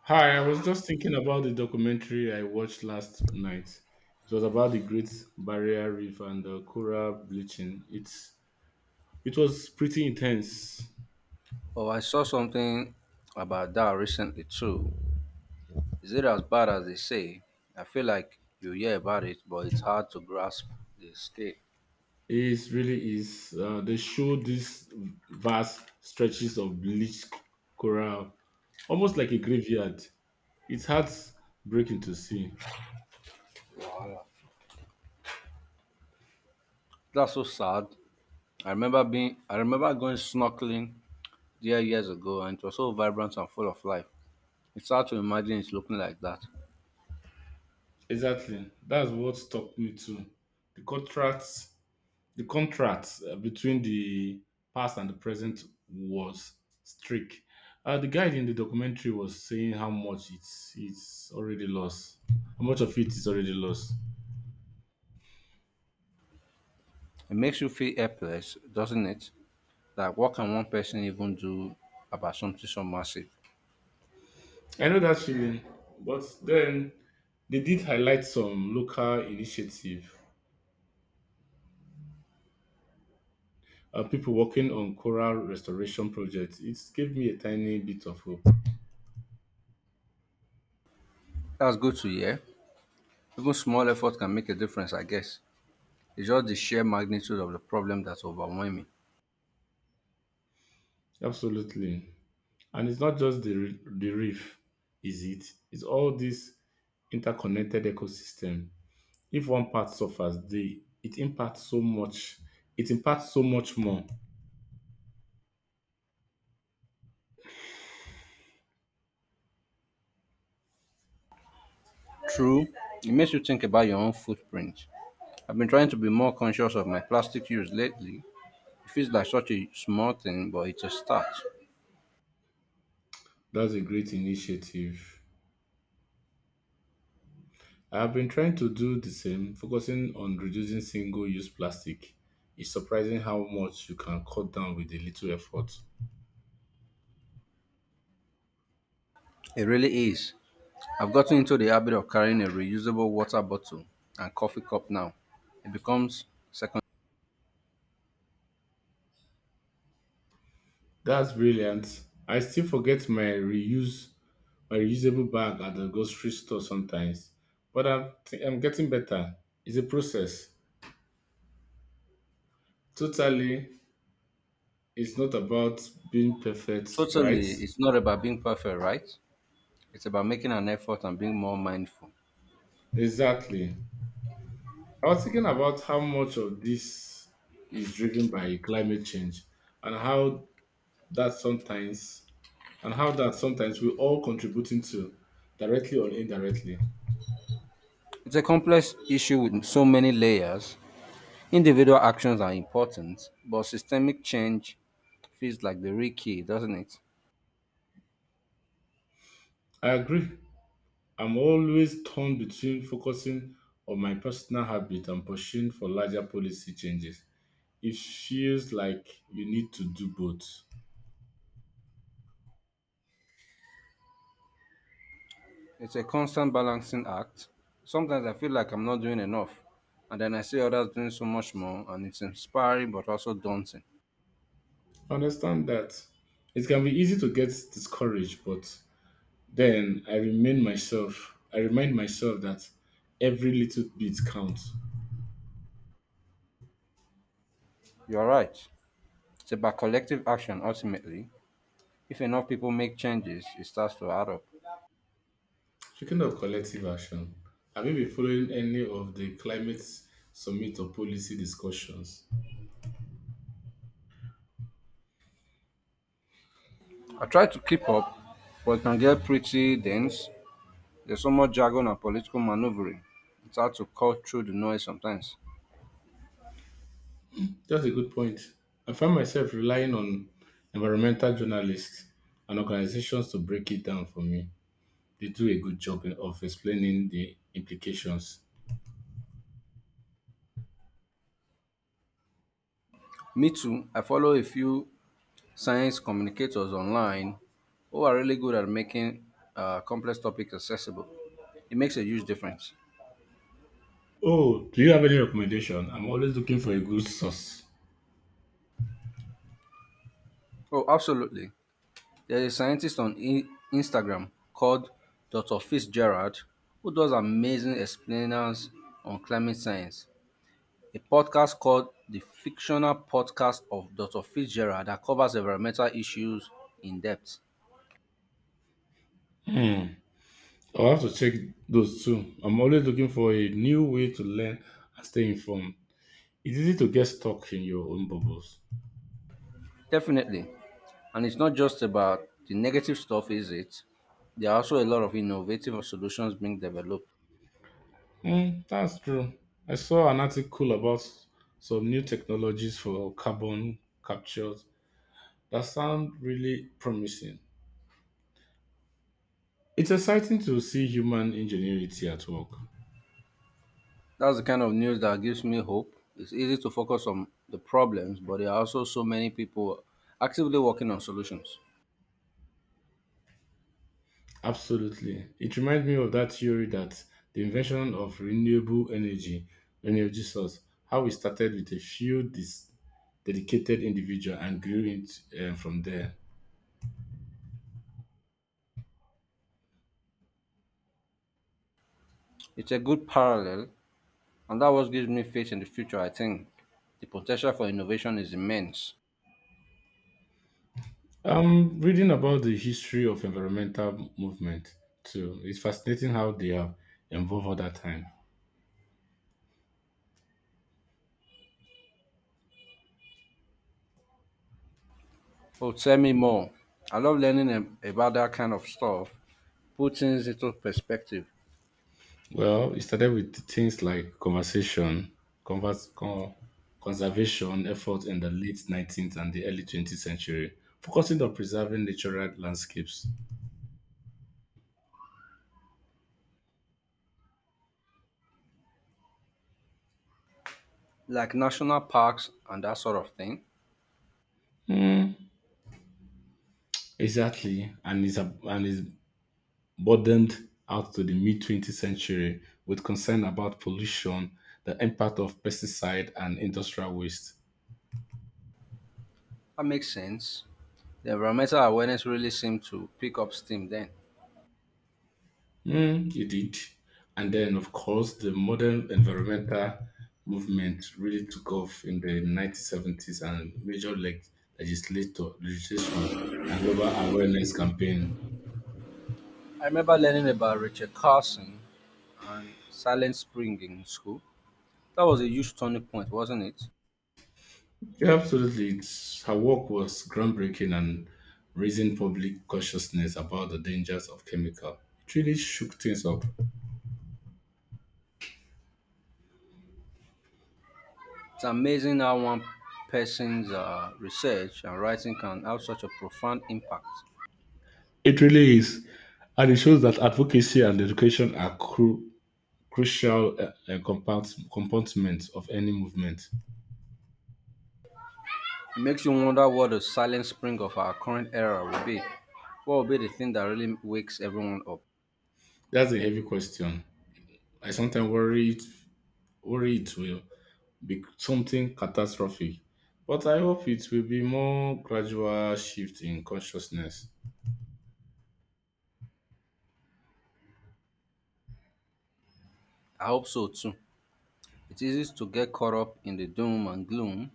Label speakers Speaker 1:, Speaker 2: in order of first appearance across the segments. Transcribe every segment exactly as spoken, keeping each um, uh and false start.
Speaker 1: Hi, I was just thinking about the documentary I watched last night. It was about the Great Barrier Reef and the coral bleaching. It's it was pretty intense.
Speaker 2: Oh, I saw something about that recently too. Is it as bad as they say? I feel like you hear about it, but it's hard to grasp the scale.
Speaker 1: It really is. Uh, they showed these vast stretches of bleached c- coral, almost like a graveyard. It's heartbreaking to see.
Speaker 2: That's so sad. I remember being I remember going snorkeling there years ago and it was so vibrant and full of life. It's hard to imagine it looking like that.
Speaker 1: Exactly. That's what struck me too. The contrast The contrast, uh, between the past and the present was strict. Uh, the guy in the documentary was saying how much it's it's already lost, how much of it is already lost.
Speaker 2: It makes you feel helpless, doesn't it? Like what can one person even do about something so massive?
Speaker 1: I know that feeling, but then they did highlight some local initiative. Uh, people working on coral restoration projects. It gave me a tiny bit of hope.
Speaker 2: That's good to hear. Even small effort can make a difference, I guess. It's just the sheer magnitude of the problem that's overwhelming.
Speaker 1: Absolutely, and it's not just the re- the reef, is it? It's all this interconnected ecosystem. If one part suffers, the it impacts so much it impacts so much more.
Speaker 2: True, it makes you think about your own footprint. I've been trying to be more conscious of my plastic use lately. It feels like such a small thing, but it's a start.
Speaker 1: That's a great initiative. I have been trying to do the same, focusing on reducing single-use plastic. It's surprising how much you can cut down with a little effort.
Speaker 2: It really is. I've gotten into the habit of carrying a reusable water bottle and coffee cup now. It becomes second.
Speaker 1: That's brilliant. I still forget my reuse my reusable bag at the grocery store sometimes, but i'm, th- I'm getting better. It's a process. Totally. It's not about being perfect, right?
Speaker 2: Totally, it's not about being perfect, right? It's about making an effort and being more mindful.
Speaker 1: Exactly. I was thinking about how much of this is driven by climate change, and how that sometimes and how that sometimes we're all contributing to, directly or indirectly.
Speaker 2: It's a complex issue with so many layers. Individual actions are important, but systemic change feels like the real key, doesn't it?
Speaker 1: I agree. I'm always torn between focusing on my personal habit and pushing for larger policy changes. It feels like you need to do both.
Speaker 2: It's a constant balancing act. Sometimes I feel like I'm not doing enough, and then I see others doing so much more, and it's inspiring but also daunting.
Speaker 1: I understand that. It can be easy to get discouraged, but Then I remind myself, I remind myself that every little bit counts.
Speaker 2: You're right. It's about collective action ultimately. If enough people make changes, it starts to add up.
Speaker 1: Speaking of collective action, have you been following any of the climate summit or policy discussions?
Speaker 2: I try to keep up, but it can get pretty dense. There's so much jargon and political maneuvering. It's hard to cut through the noise sometimes.
Speaker 1: That's a good point. I find myself relying on environmental journalists and organizations to break it down for me. They do a good job in- of explaining the implications.
Speaker 2: Me too, I follow a few science communicators online who are really good at making uh, complex topics accessible. It makes a huge difference.
Speaker 1: Oh, do you have any recommendation? I'm always looking for a good source.
Speaker 2: Oh, absolutely. There's a scientist on I- Instagram called doctor Fitzgerald who does amazing explainers on climate science. A podcast called The Fictional Podcast of doctor Fitzgerald that covers environmental issues in depth.
Speaker 1: Hmm. I'll have to check those too. I'm always looking for a new way to learn and stay informed. It's easy to get stuck in your own bubbles.
Speaker 2: Definitely. And it's not just about the negative stuff, is it? There are also a lot of innovative solutions being developed.
Speaker 1: Hmm, that's true. I saw an article about some new technologies for carbon capture. That sound really promising. It's exciting to see human ingenuity at work.
Speaker 2: That's the kind of news that gives me hope. It's easy to focus on the problems, but there are also so many people actively working on solutions.
Speaker 1: Absolutely. It reminds me of that theory that the invention of renewable energy, energy source, how we started with a few dis- dedicated individual and grew it uh, from there.
Speaker 2: It's a good parallel, and that what gives me faith in the future. I think the potential for innovation is immense.
Speaker 1: Um, reading about the history of environmental movement too, it's fascinating how they have evolved over that time.
Speaker 2: Oh, tell me more. I love learning ab- about that kind of stuff, put things into perspective,
Speaker 1: Well, it started with things like conversation, converse, con- conservation efforts in the late nineteenth and the early twentieth century, focusing on preserving natural landscapes.
Speaker 2: like national parks and that sort of thing.
Speaker 1: Hmm, exactly, and is a- and is broadened out to the mid twentieth century with concern about pollution, the impact of pesticide, and industrial waste.
Speaker 2: That makes sense. The environmental awareness really seemed to pick up steam then.
Speaker 1: Mm, you did. And then, of course, the modern environmental movement really took off in the nineteen seventies and major leg- legislator, legislation and global awareness campaign.
Speaker 2: I remember learning about Richard Carson and Silent Spring in school. That was a huge turning point, wasn't it?
Speaker 1: Yeah, absolutely. It's, her work was groundbreaking and raising public consciousness about the dangers of chemical. It really shook things up.
Speaker 2: It's amazing how one person's uh, research and writing can have such a profound impact.
Speaker 1: It really is. And it shows that advocacy and education are cru- crucial uh, uh, compounds- components of any movement.
Speaker 2: It makes you wonder what the silent spring of our current era will be. What will be the thing that really wakes everyone up?
Speaker 1: That's a heavy question. I sometimes worry it, worry it will be something catastrophic, but I hope it will be more gradual shift in consciousness.
Speaker 2: I hope so too. It's easy to get caught up in the doom and gloom,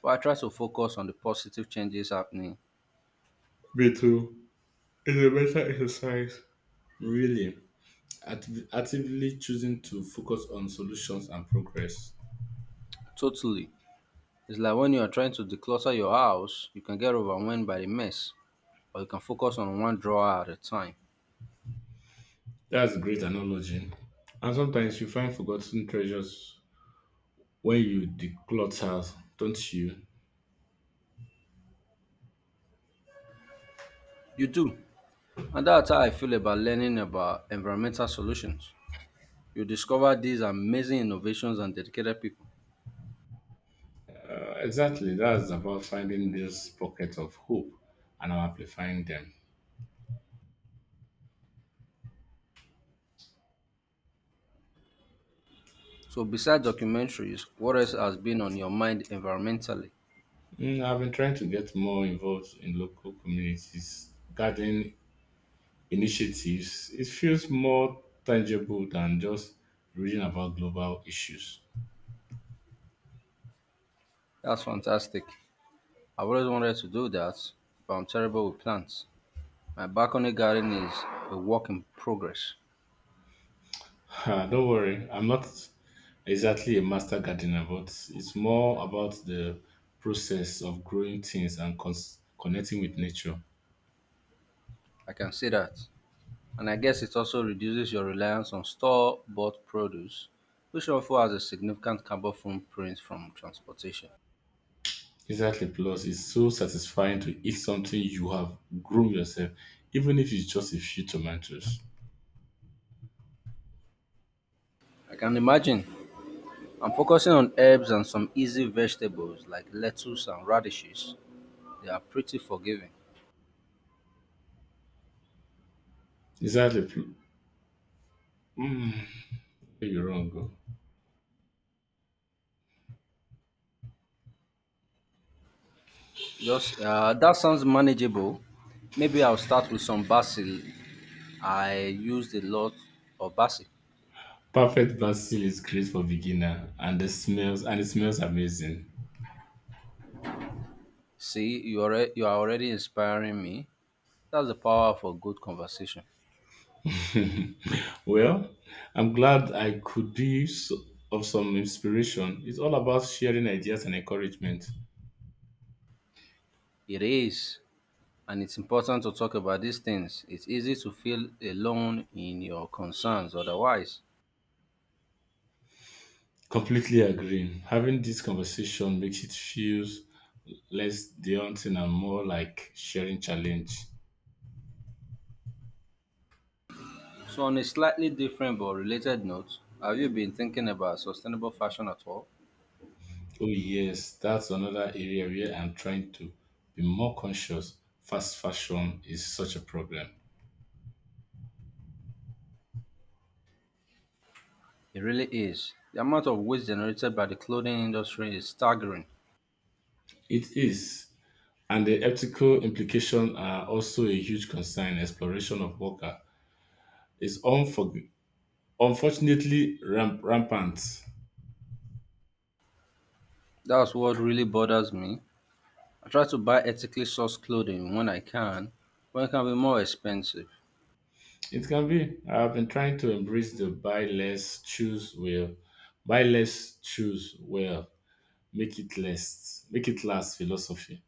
Speaker 2: but I try to focus on the positive changes happening.
Speaker 1: Me too. It's a better exercise. Really, activ- actively choosing to focus on solutions and progress.
Speaker 2: Totally. It's like when you're trying to declutter your house, you can get overwhelmed by the mess, or you can focus on one drawer at a time.
Speaker 1: That's a great analogy. And sometimes you find forgotten treasures when you declutter, don't you?
Speaker 2: You do. And that's how I feel about learning about environmental solutions. You discover these amazing innovations and dedicated people.
Speaker 1: Exactly. That's about finding these pockets of hope and amplifying them.
Speaker 2: So, besides documentaries, what else has been on your mind environmentally?
Speaker 1: Mm, I've been trying to get more involved in local communities, garden initiatives. It feels more tangible than just reading about global issues.
Speaker 2: That's fantastic. I've always wanted to do that, but I'm terrible with plants. My balcony garden is a work in progress.
Speaker 1: Ah, don't worry, I'm not exactly a master gardener, but it's more about the process of growing things and cons- connecting with nature.
Speaker 2: I can see that. And I guess it also reduces your reliance on store bought produce, which also has a significant carbon footprint from transportation.
Speaker 1: Exactly, plus it's so satisfying to eat something you have grown yourself, even if it's just a few tomatoes.
Speaker 2: I can imagine. I'm focusing on herbs and some easy vegetables like lettuce and radishes. They are pretty forgiving.
Speaker 1: Exactly, pl- mm, you're wrong. Oh.
Speaker 2: Just uh, that sounds manageable. Maybe I'll start with some basil. I used a lot of basil.
Speaker 1: Perfect basil is great for beginner and the smells and it smells amazing.
Speaker 2: See, you are you are already inspiring me. That's the power of a good conversation.
Speaker 1: Well, I'm glad I could be s- of some inspiration. It's all about sharing ideas and encouragement.
Speaker 2: It is, and it's important to talk about these things. It's easy to feel alone in your concerns otherwise.
Speaker 1: Completely agreeing. Having this conversation makes it feels less daunting and more like sharing challenge.
Speaker 2: So, on a slightly different but related note, have you been thinking about sustainable fashion at all?
Speaker 1: Oh yes, that's another area where I'm trying to be more conscious. Fast fashion is such a problem.
Speaker 2: It really is. The amount of waste generated by the clothing industry is staggering.
Speaker 1: It is. And the ethical implications are also a huge concern. Exploration of worker is unforg- unfortunately ramp- rampant.
Speaker 2: That's what really bothers me. I try to buy ethically sourced clothing when I can, when it can be more expensive.
Speaker 1: It can be. I've been trying to embrace the buy less, choose well, buy less, choose well, make it less, make it last philosophy.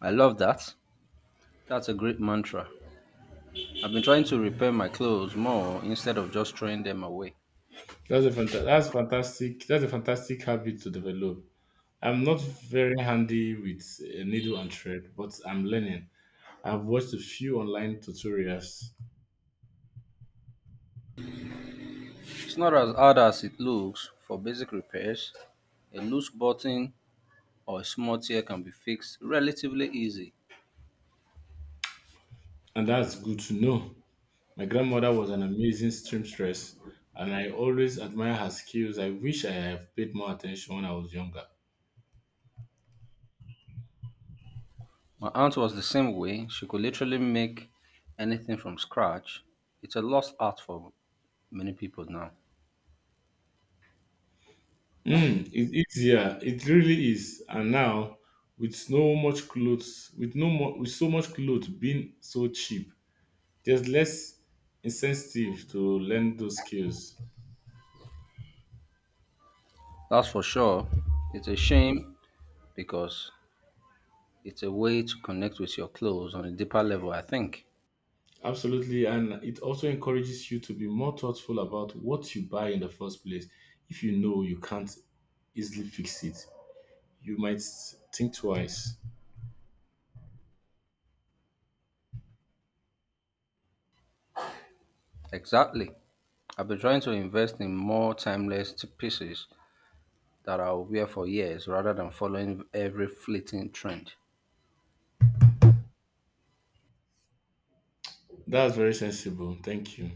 Speaker 2: I love that. That's a great mantra. I've been trying to repair my clothes more instead of just throwing them away.
Speaker 1: That's a fanta- that's fantastic. That's a fantastic habit to develop. I'm not very handy with a needle and thread, but I'm learning. I've watched a few online tutorials,
Speaker 2: It's not as hard as it looks for basic repairs. A loose button or a small tear can be fixed relatively easy.
Speaker 1: and that's good to know. My grandmother was an amazing seamstress, and I always admire her skills. I wish I had paid more attention when I was younger.
Speaker 2: My aunt was the same way. She could literally make anything from scratch. It's a lost art for many people now.
Speaker 1: Mm, it's easier. It really is. And now, with so much clothes, with no more, with so much clothes being so cheap, there's less incentive to learn those skills.
Speaker 2: That's for sure. It's a shame because it's a way to connect with your clothes on a deeper level, I think.
Speaker 1: Absolutely, and it also encourages you to be more thoughtful about what you buy in the first place. If you know you can't easily fix it, you might think twice.
Speaker 2: Exactly. I've been trying to invest in more timeless t- pieces that are aware for years rather than following every fleeting trend.
Speaker 1: That's very sensible. Thank you.